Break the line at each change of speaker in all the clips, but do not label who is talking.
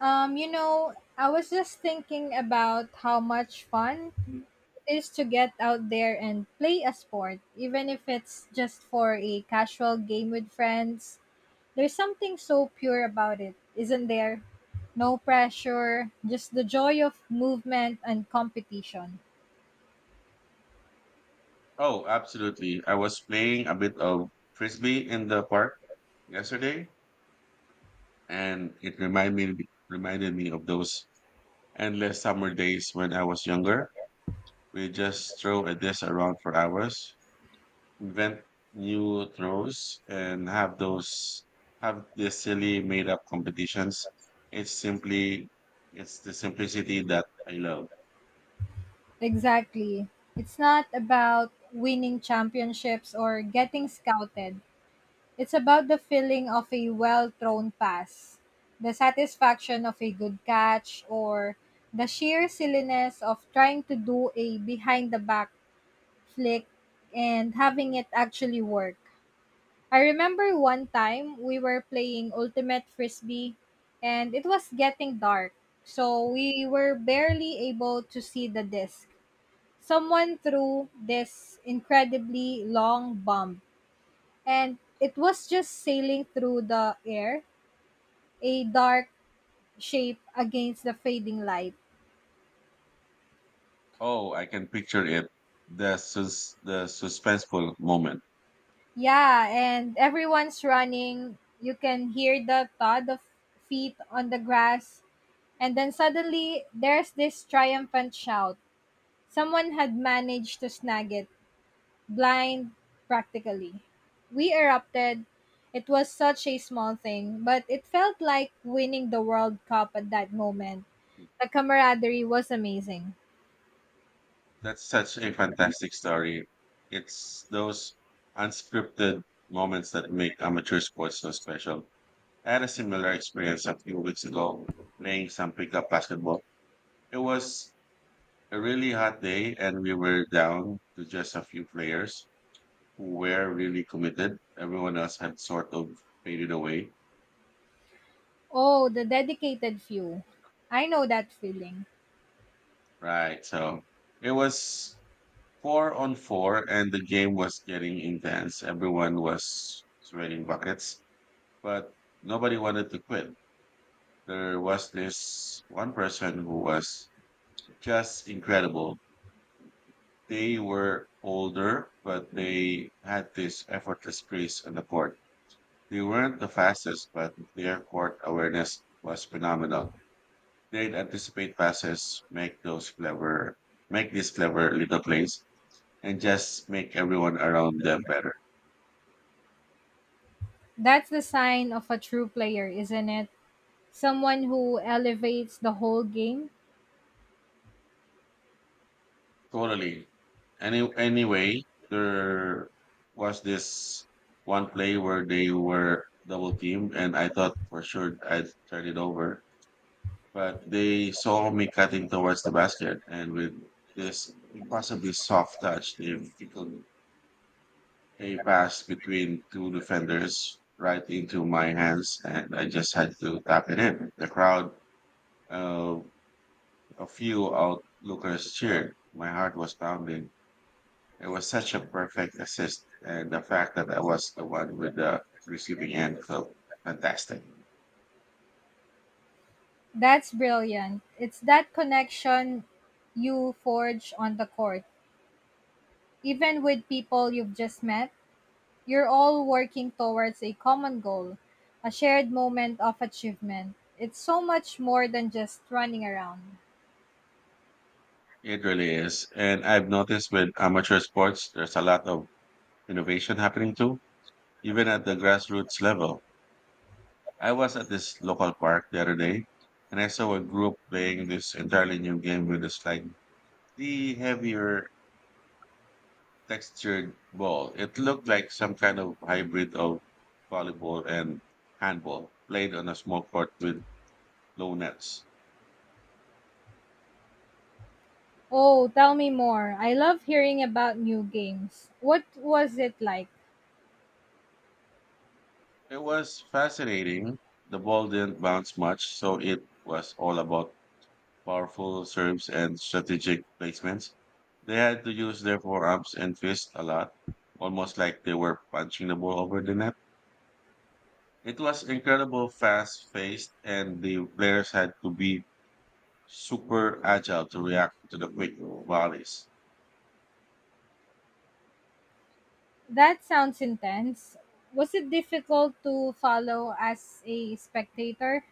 I was just thinking about how much fun it is to get out there and play a sport, even if it's just for a casual game with friends. There's something so pure about it, isn't there? No pressure, just the joy of movement and competition.
Oh, absolutely. I was playing a bit of frisbee in the park yesterday, and it reminded me of those endless summer days when I was younger. We just throw a disc around for hours, invent new throws, and have these silly made up competitions. It's simply it's the simplicity that I love.
Exactly. It's not about winning championships or getting scouted. It's about the feeling of a well thrown pass, the satisfaction of a good catch, or the sheer silliness of trying to do a behind the back flick and having it actually work. I remember one time we were playing Ultimate Frisbee and it was getting dark, so we were barely able to see the disc. Someone threw this incredibly long bomb and it was just sailing through the air, a dark shape against the fading light.
Oh, I can picture it. The suspenseful moment.
Yeah, and everyone's running. You can hear the thud of feet on the grass. And then suddenly, there's this triumphant shout. Someone had managed to snag it, blind practically. We erupted. It was such a small thing, but it felt like winning the World Cup at that moment. The camaraderie was amazing.
That's such a fantastic story. It's those unscripted moments that make amateur sports so special. I had a similar experience a few weeks ago playing some pickup basketball. It was a really hot day, and we were down to just a few players who were really committed. Everyone else had sort of faded away.
Oh, the dedicated few. I know that feeling.
Right. So it was four on four, and the game was getting intense. Everyone was sweating buckets but nobody wanted to quit. There was this one person who was just incredible. They were older, but they had this effortless grace on the court. They weren't the fastest, but their court awareness was phenomenal. They'd anticipate passes, make these clever little plays, and just make everyone around them better.
That's the sign of a true player, isn't it? Someone who elevates the whole game.
Totally. Anyway, there was this one play where they were double teamed, and I thought for sure I'd turn it over, but they saw me cutting towards the basket, and with this impossibly soft touch, they flickled a pass between two defenders right into my hands, and I just had to tap it in. The crowd, uh, a few onlookers cheered. My heart was pounding. It was such a perfect assist, and the fact that I was the one with the receiving end felt fantastic.
That's brilliant. It's that connection you forge on the court. Even with people you've just met, you're all working towards a common goal, a shared moment of achievement. It's so much more than just running around.
It really is. And I've noticed with amateur sports, there's a lot of innovation happening too, even at the grassroots level. I was at this local park the other day, and I saw a group playing this entirely new game with a slightly heavier textured ball. It looked like some kind of hybrid of volleyball and handball, played on a small court with low nets.
Oh, tell me more. I love hearing about new games. What was it like?
It was fascinating. The ball didn't bounce much, so it was all about powerful serves and strategic placements. They had to use their forearms and fists a lot, almost like they were punching the ball over the net. It was incredible, fast paced, and the players had to be super agile to react to the quick volleys.
That sounds intense. Was it difficult to follow as a spectator?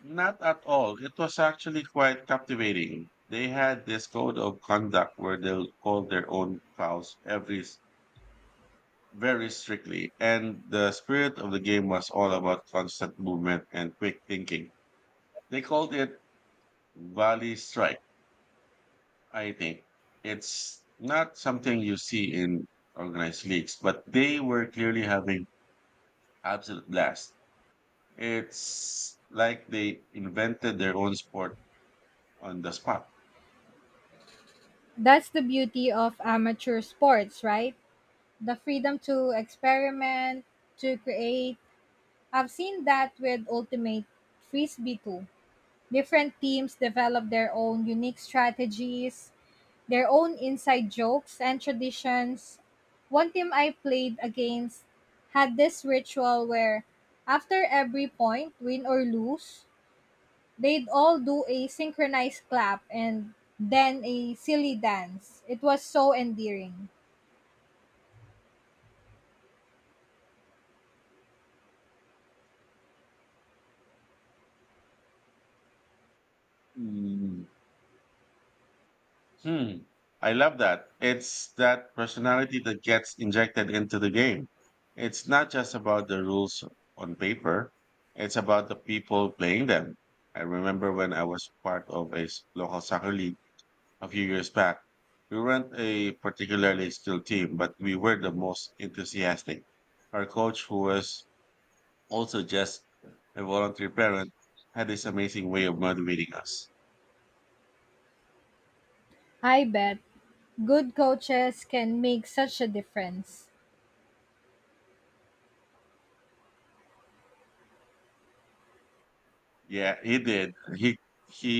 Not at all. It was actually quite captivating. They had this code of conduct where they'll call their own fouls every very strictly, and the spirit of the game was all about constant movement and quick thinking. They called it Valley Strike, I think. It's not something you see in organized leagues, but they were clearly having absolute blast. It's like they invented their own sport on the spot.
That's the beauty of amateur sports, right? The freedom to experiment, to create. I've seen that with Ultimate Frisbee too. Different teams develop their own unique strategies, their own inside jokes and traditions. One team I played against had this ritual where after every point, win or lose, they'd all do a synchronized clap and then a silly dance. It was so endearing.
Hmm. I love that. It's that personality that gets injected into the game. It's not just about the rules on paper, it's about the people playing them. I remember when I was part of a local soccer league a few years back. We weren't a particularly skilled team, but we were the most enthusiastic. Our coach, who was also just a volunteer parent, had this amazing way of motivating us.
I bet good coaches can make such a difference.
Yeah, he did. He he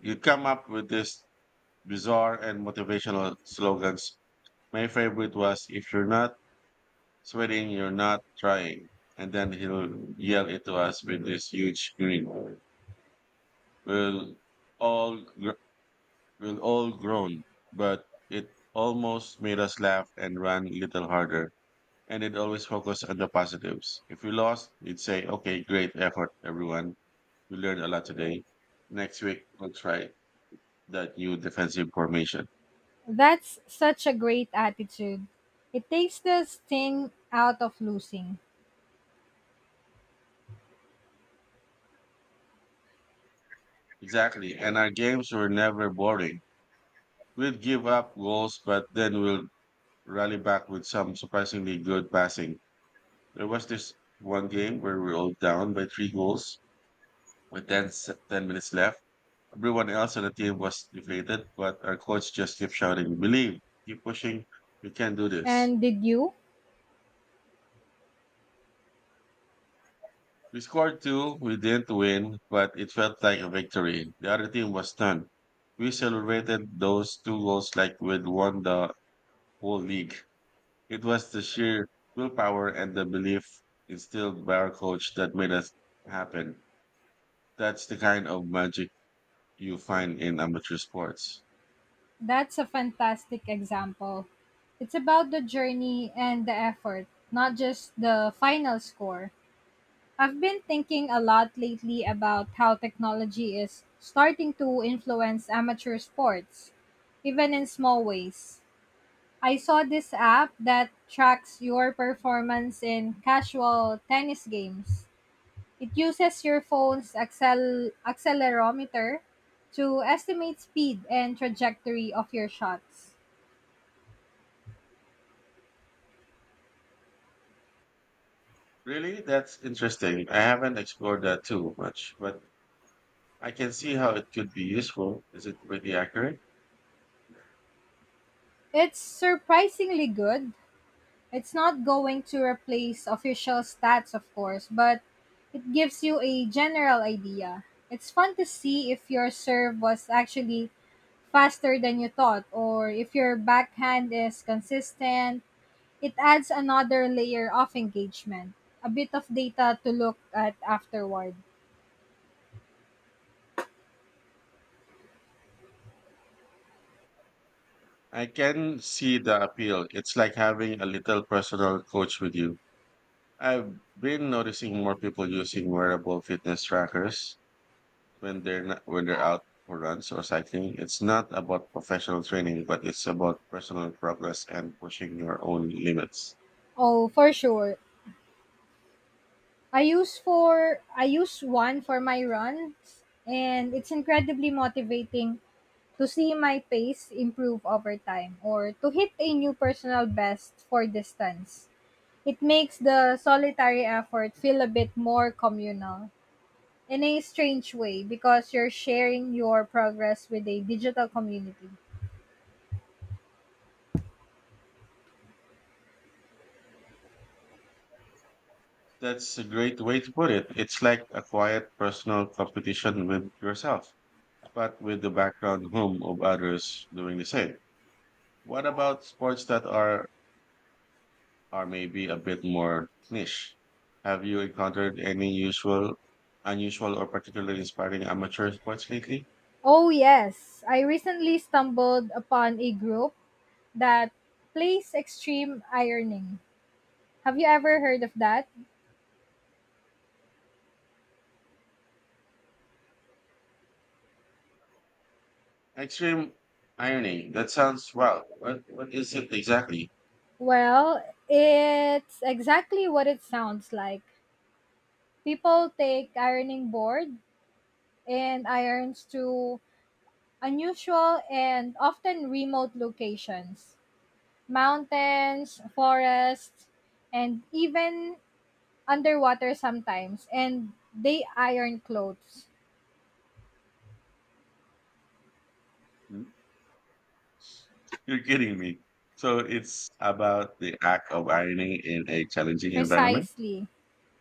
he come up with this bizarre and motivational slogans. My favorite was if you're not sweating, you're not trying. And then he'll yell it to us with this huge grin. We'll all gr- we'll all groan, but it almost made us laugh and run a little harder. And it always focused on the positives. If we lost, he'd say, "Okay, great effort, everyone. We learned a lot today. Next week, we'll try." that new defensive formation.
That's such a great attitude. It takes the sting out of losing.
Exactly. And our games were never boring. We'd give up goals, but then we'll rally back with some surprisingly good passing. There was this one game where we were all down by three goals with 10 minutes left. Everyone else on the team was deflated, but our coach just kept shouting, believe, keep pushing, you can do this.
And did you?
We scored two, we didn't win, but it felt like a victory. The other team was done. We celebrated those two goals like we'd won the whole league. It was the sheer willpower and the belief instilled by our coach that made us happen. That's the kind of magic you find in amateur sports.
That's a fantastic example. It's about the journey and the effort, not just the final score. I've been thinking a lot lately about how technology is starting to influence amateur sports, even in small ways. I saw this app that tracks your performance in casual tennis games. It uses your phone's accelerometer to estimate speed and trajectory of your shots.
Really? That's interesting. I haven't explored that too much, but I can see how it could be useful. Is it pretty accurate?
It's surprisingly good. It's not going to replace official stats, of course, but it gives you a general idea. It's fun to see if your serve was actually faster than you thought or if your backhand is consistent. It adds another layer of engagement, a bit of data to look at afterward.
I can see the appeal. It's like having a little personal coach with you. I've been noticing more people using wearable fitness trackers when they're not, when they're out for runs or cycling. It's not about professional training, but it's about personal progress and pushing your own limits.
Oh, for sure. I use one for my runs and it's incredibly motivating to see my pace improve over time or to hit a new personal best for distance. It makes the solitary effort feel a bit more communal in a strange way because you're sharing your progress with a digital community.
That's a great way to put it. It's like a quiet personal competition with yourself, but with the background hum of others doing the same. What about sports that are maybe a bit more niche? Have you encountered any usual, unusual, or particularly inspiring amateur sports lately?
Oh, yes. I recently stumbled upon a group that plays extreme ironing. Have you ever heard of that?
Extreme ironing. That sounds wow. What is it exactly?
Well, it's exactly what it sounds like. People take ironing board and irons to unusual and often remote locations, mountains, forests, and even underwater sometimes. And they iron clothes.
Hmm? You're kidding me. So it's about the act of ironing in a challenging environment.
Precisely.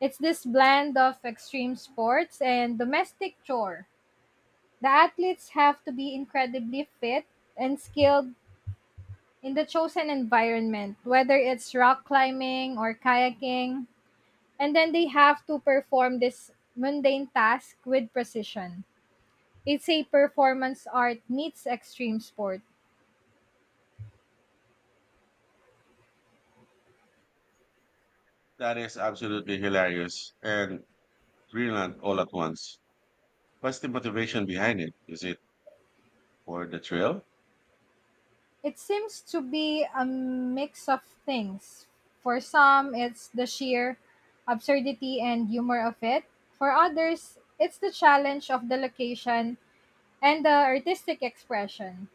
It's this blend of extreme sports and domestic chore. The athletes have to be incredibly fit and skilled in the chosen environment, whether it's rock climbing or kayaking, and then they have to perform this mundane task with precision. It's a performance art meets extreme sport.
That is absolutely hilarious and brilliant all at once. What's the motivation behind it? Is it for the thrill?
It seems to be a mix of things. For some, it's the sheer absurdity and humor of it. For others, it's the challenge of the location and the artistic expression.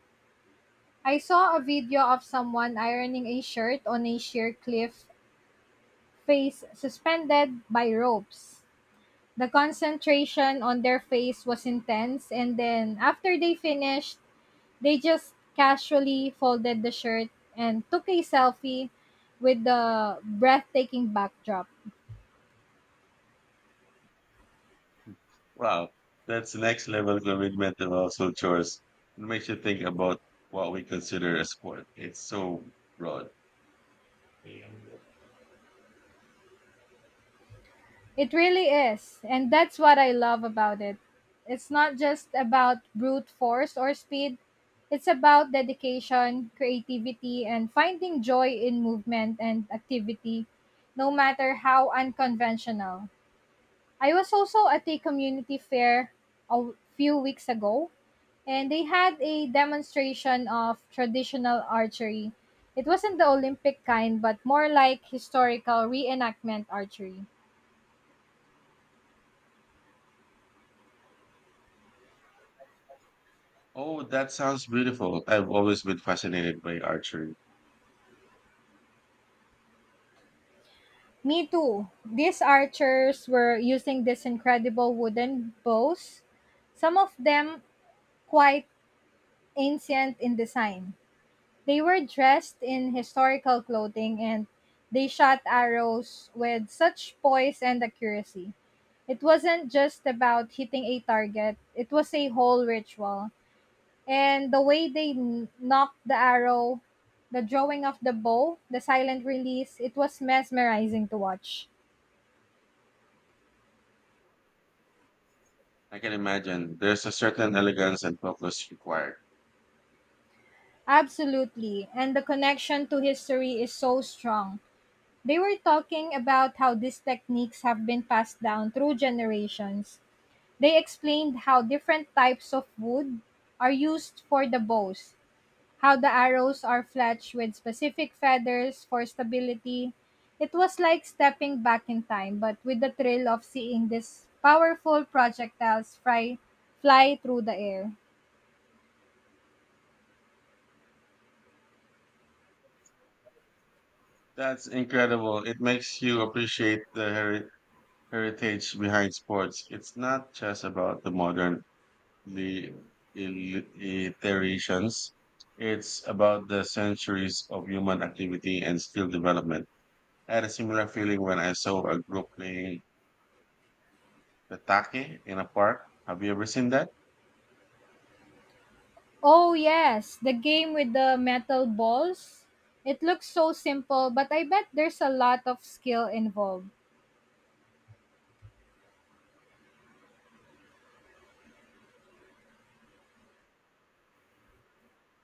I saw a video of someone ironing a shirt on a sheer cliff, face suspended by ropes. The concentration on their face was intense, and then after they finished, they just casually folded the shirt and took a selfie with the breathtaking backdrop.
Wow, that's next level commitment and also chores. It makes you think about what we consider a sport. It's so broad.
It really is, and that's what I love about it. It's not just about brute force or speed, it's about dedication, creativity, and finding joy in movement and activity, no matter how unconventional. I was also at a community fair a few weeks ago, and they had a demonstration of traditional archery. It wasn't the Olympic kind, but more like historical reenactment archery.
Oh, that sounds beautiful. I've always been fascinated by archery.
Me too. These archers were using these incredible wooden bows, some of them quite ancient in design. They were dressed in historical clothing and they shot arrows with such poise and accuracy. It wasn't just about hitting a target, it was a whole ritual. And the way they knocked the arrow, the drawing of the bow, the silent release, it was mesmerizing to watch.
I can imagine there's a certain elegance and focus required.
Absolutely. And the connection to history is so strong. They were talking about how these techniques have been passed down through generations. They explained how different types of wood are used for the bows, how the arrows are fletched with specific feathers for stability. It was like stepping back in time, but with the thrill of seeing these powerful projectiles fly through the air.
That's incredible. It makes you appreciate the heritage behind sports. It's not just about the modern, the iterations. It's about the centuries of human activity and skill development. I had a similar feeling when I saw a group playing the take in a park. Have you ever seen that?
Oh, yes, the game with the metal balls. It looks so simple, but I bet there's a lot of skill involved.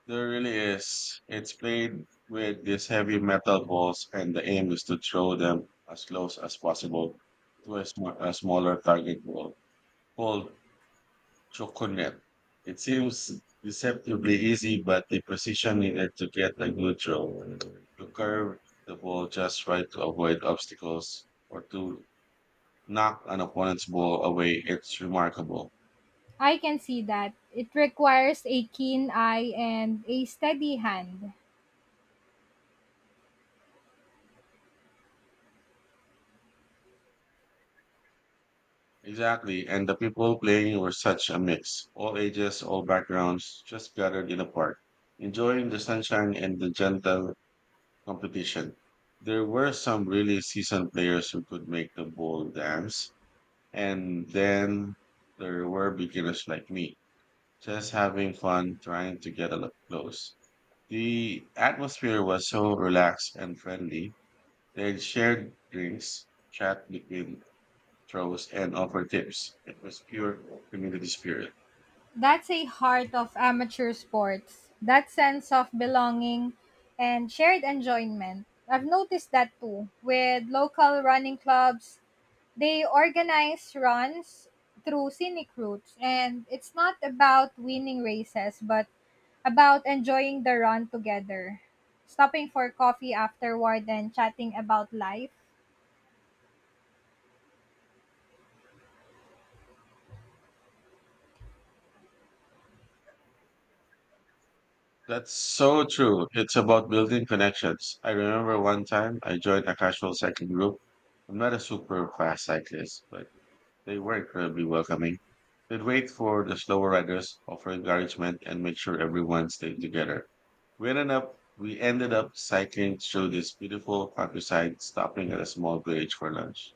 There really is. It's played with these heavy metal balls, and the aim is to throw them as close as possible to a smaller target ball called choconet. It seems deceptively easy, but the precision needed to get a good throw. You curve the ball just right to avoid obstacles or to knock an opponent's ball away. It's remarkable.
I can see that. It requires a keen eye and a steady hand.
Exactly. And the people playing were such a mix. All ages, all backgrounds, just gathered in a park, enjoying the sunshine and the gentle competition. There were some really seasoned players who could make the ball dance. And then there were beginners like me, just having fun trying to get up close. The atmosphere was so relaxed and friendly. They shared drinks, chat between throws and offer tips. It was pure community spirit.
That's a heart of amateur sports. That sense of belonging and shared enjoyment. I've noticed that too with local running clubs. They organize runs through scenic routes, and it's not about winning races, but about enjoying the run together, stopping for coffee afterward, and chatting about life.
That's so true. It's about building connections. I remember one time I joined a casual cycling group. I'm not a super fast cyclist, but they were incredibly welcoming. They'd wait for the slower riders, offer encouragement, and make sure everyone stayed together. We ended up cycling through this beautiful countryside, stopping at a small village for lunch.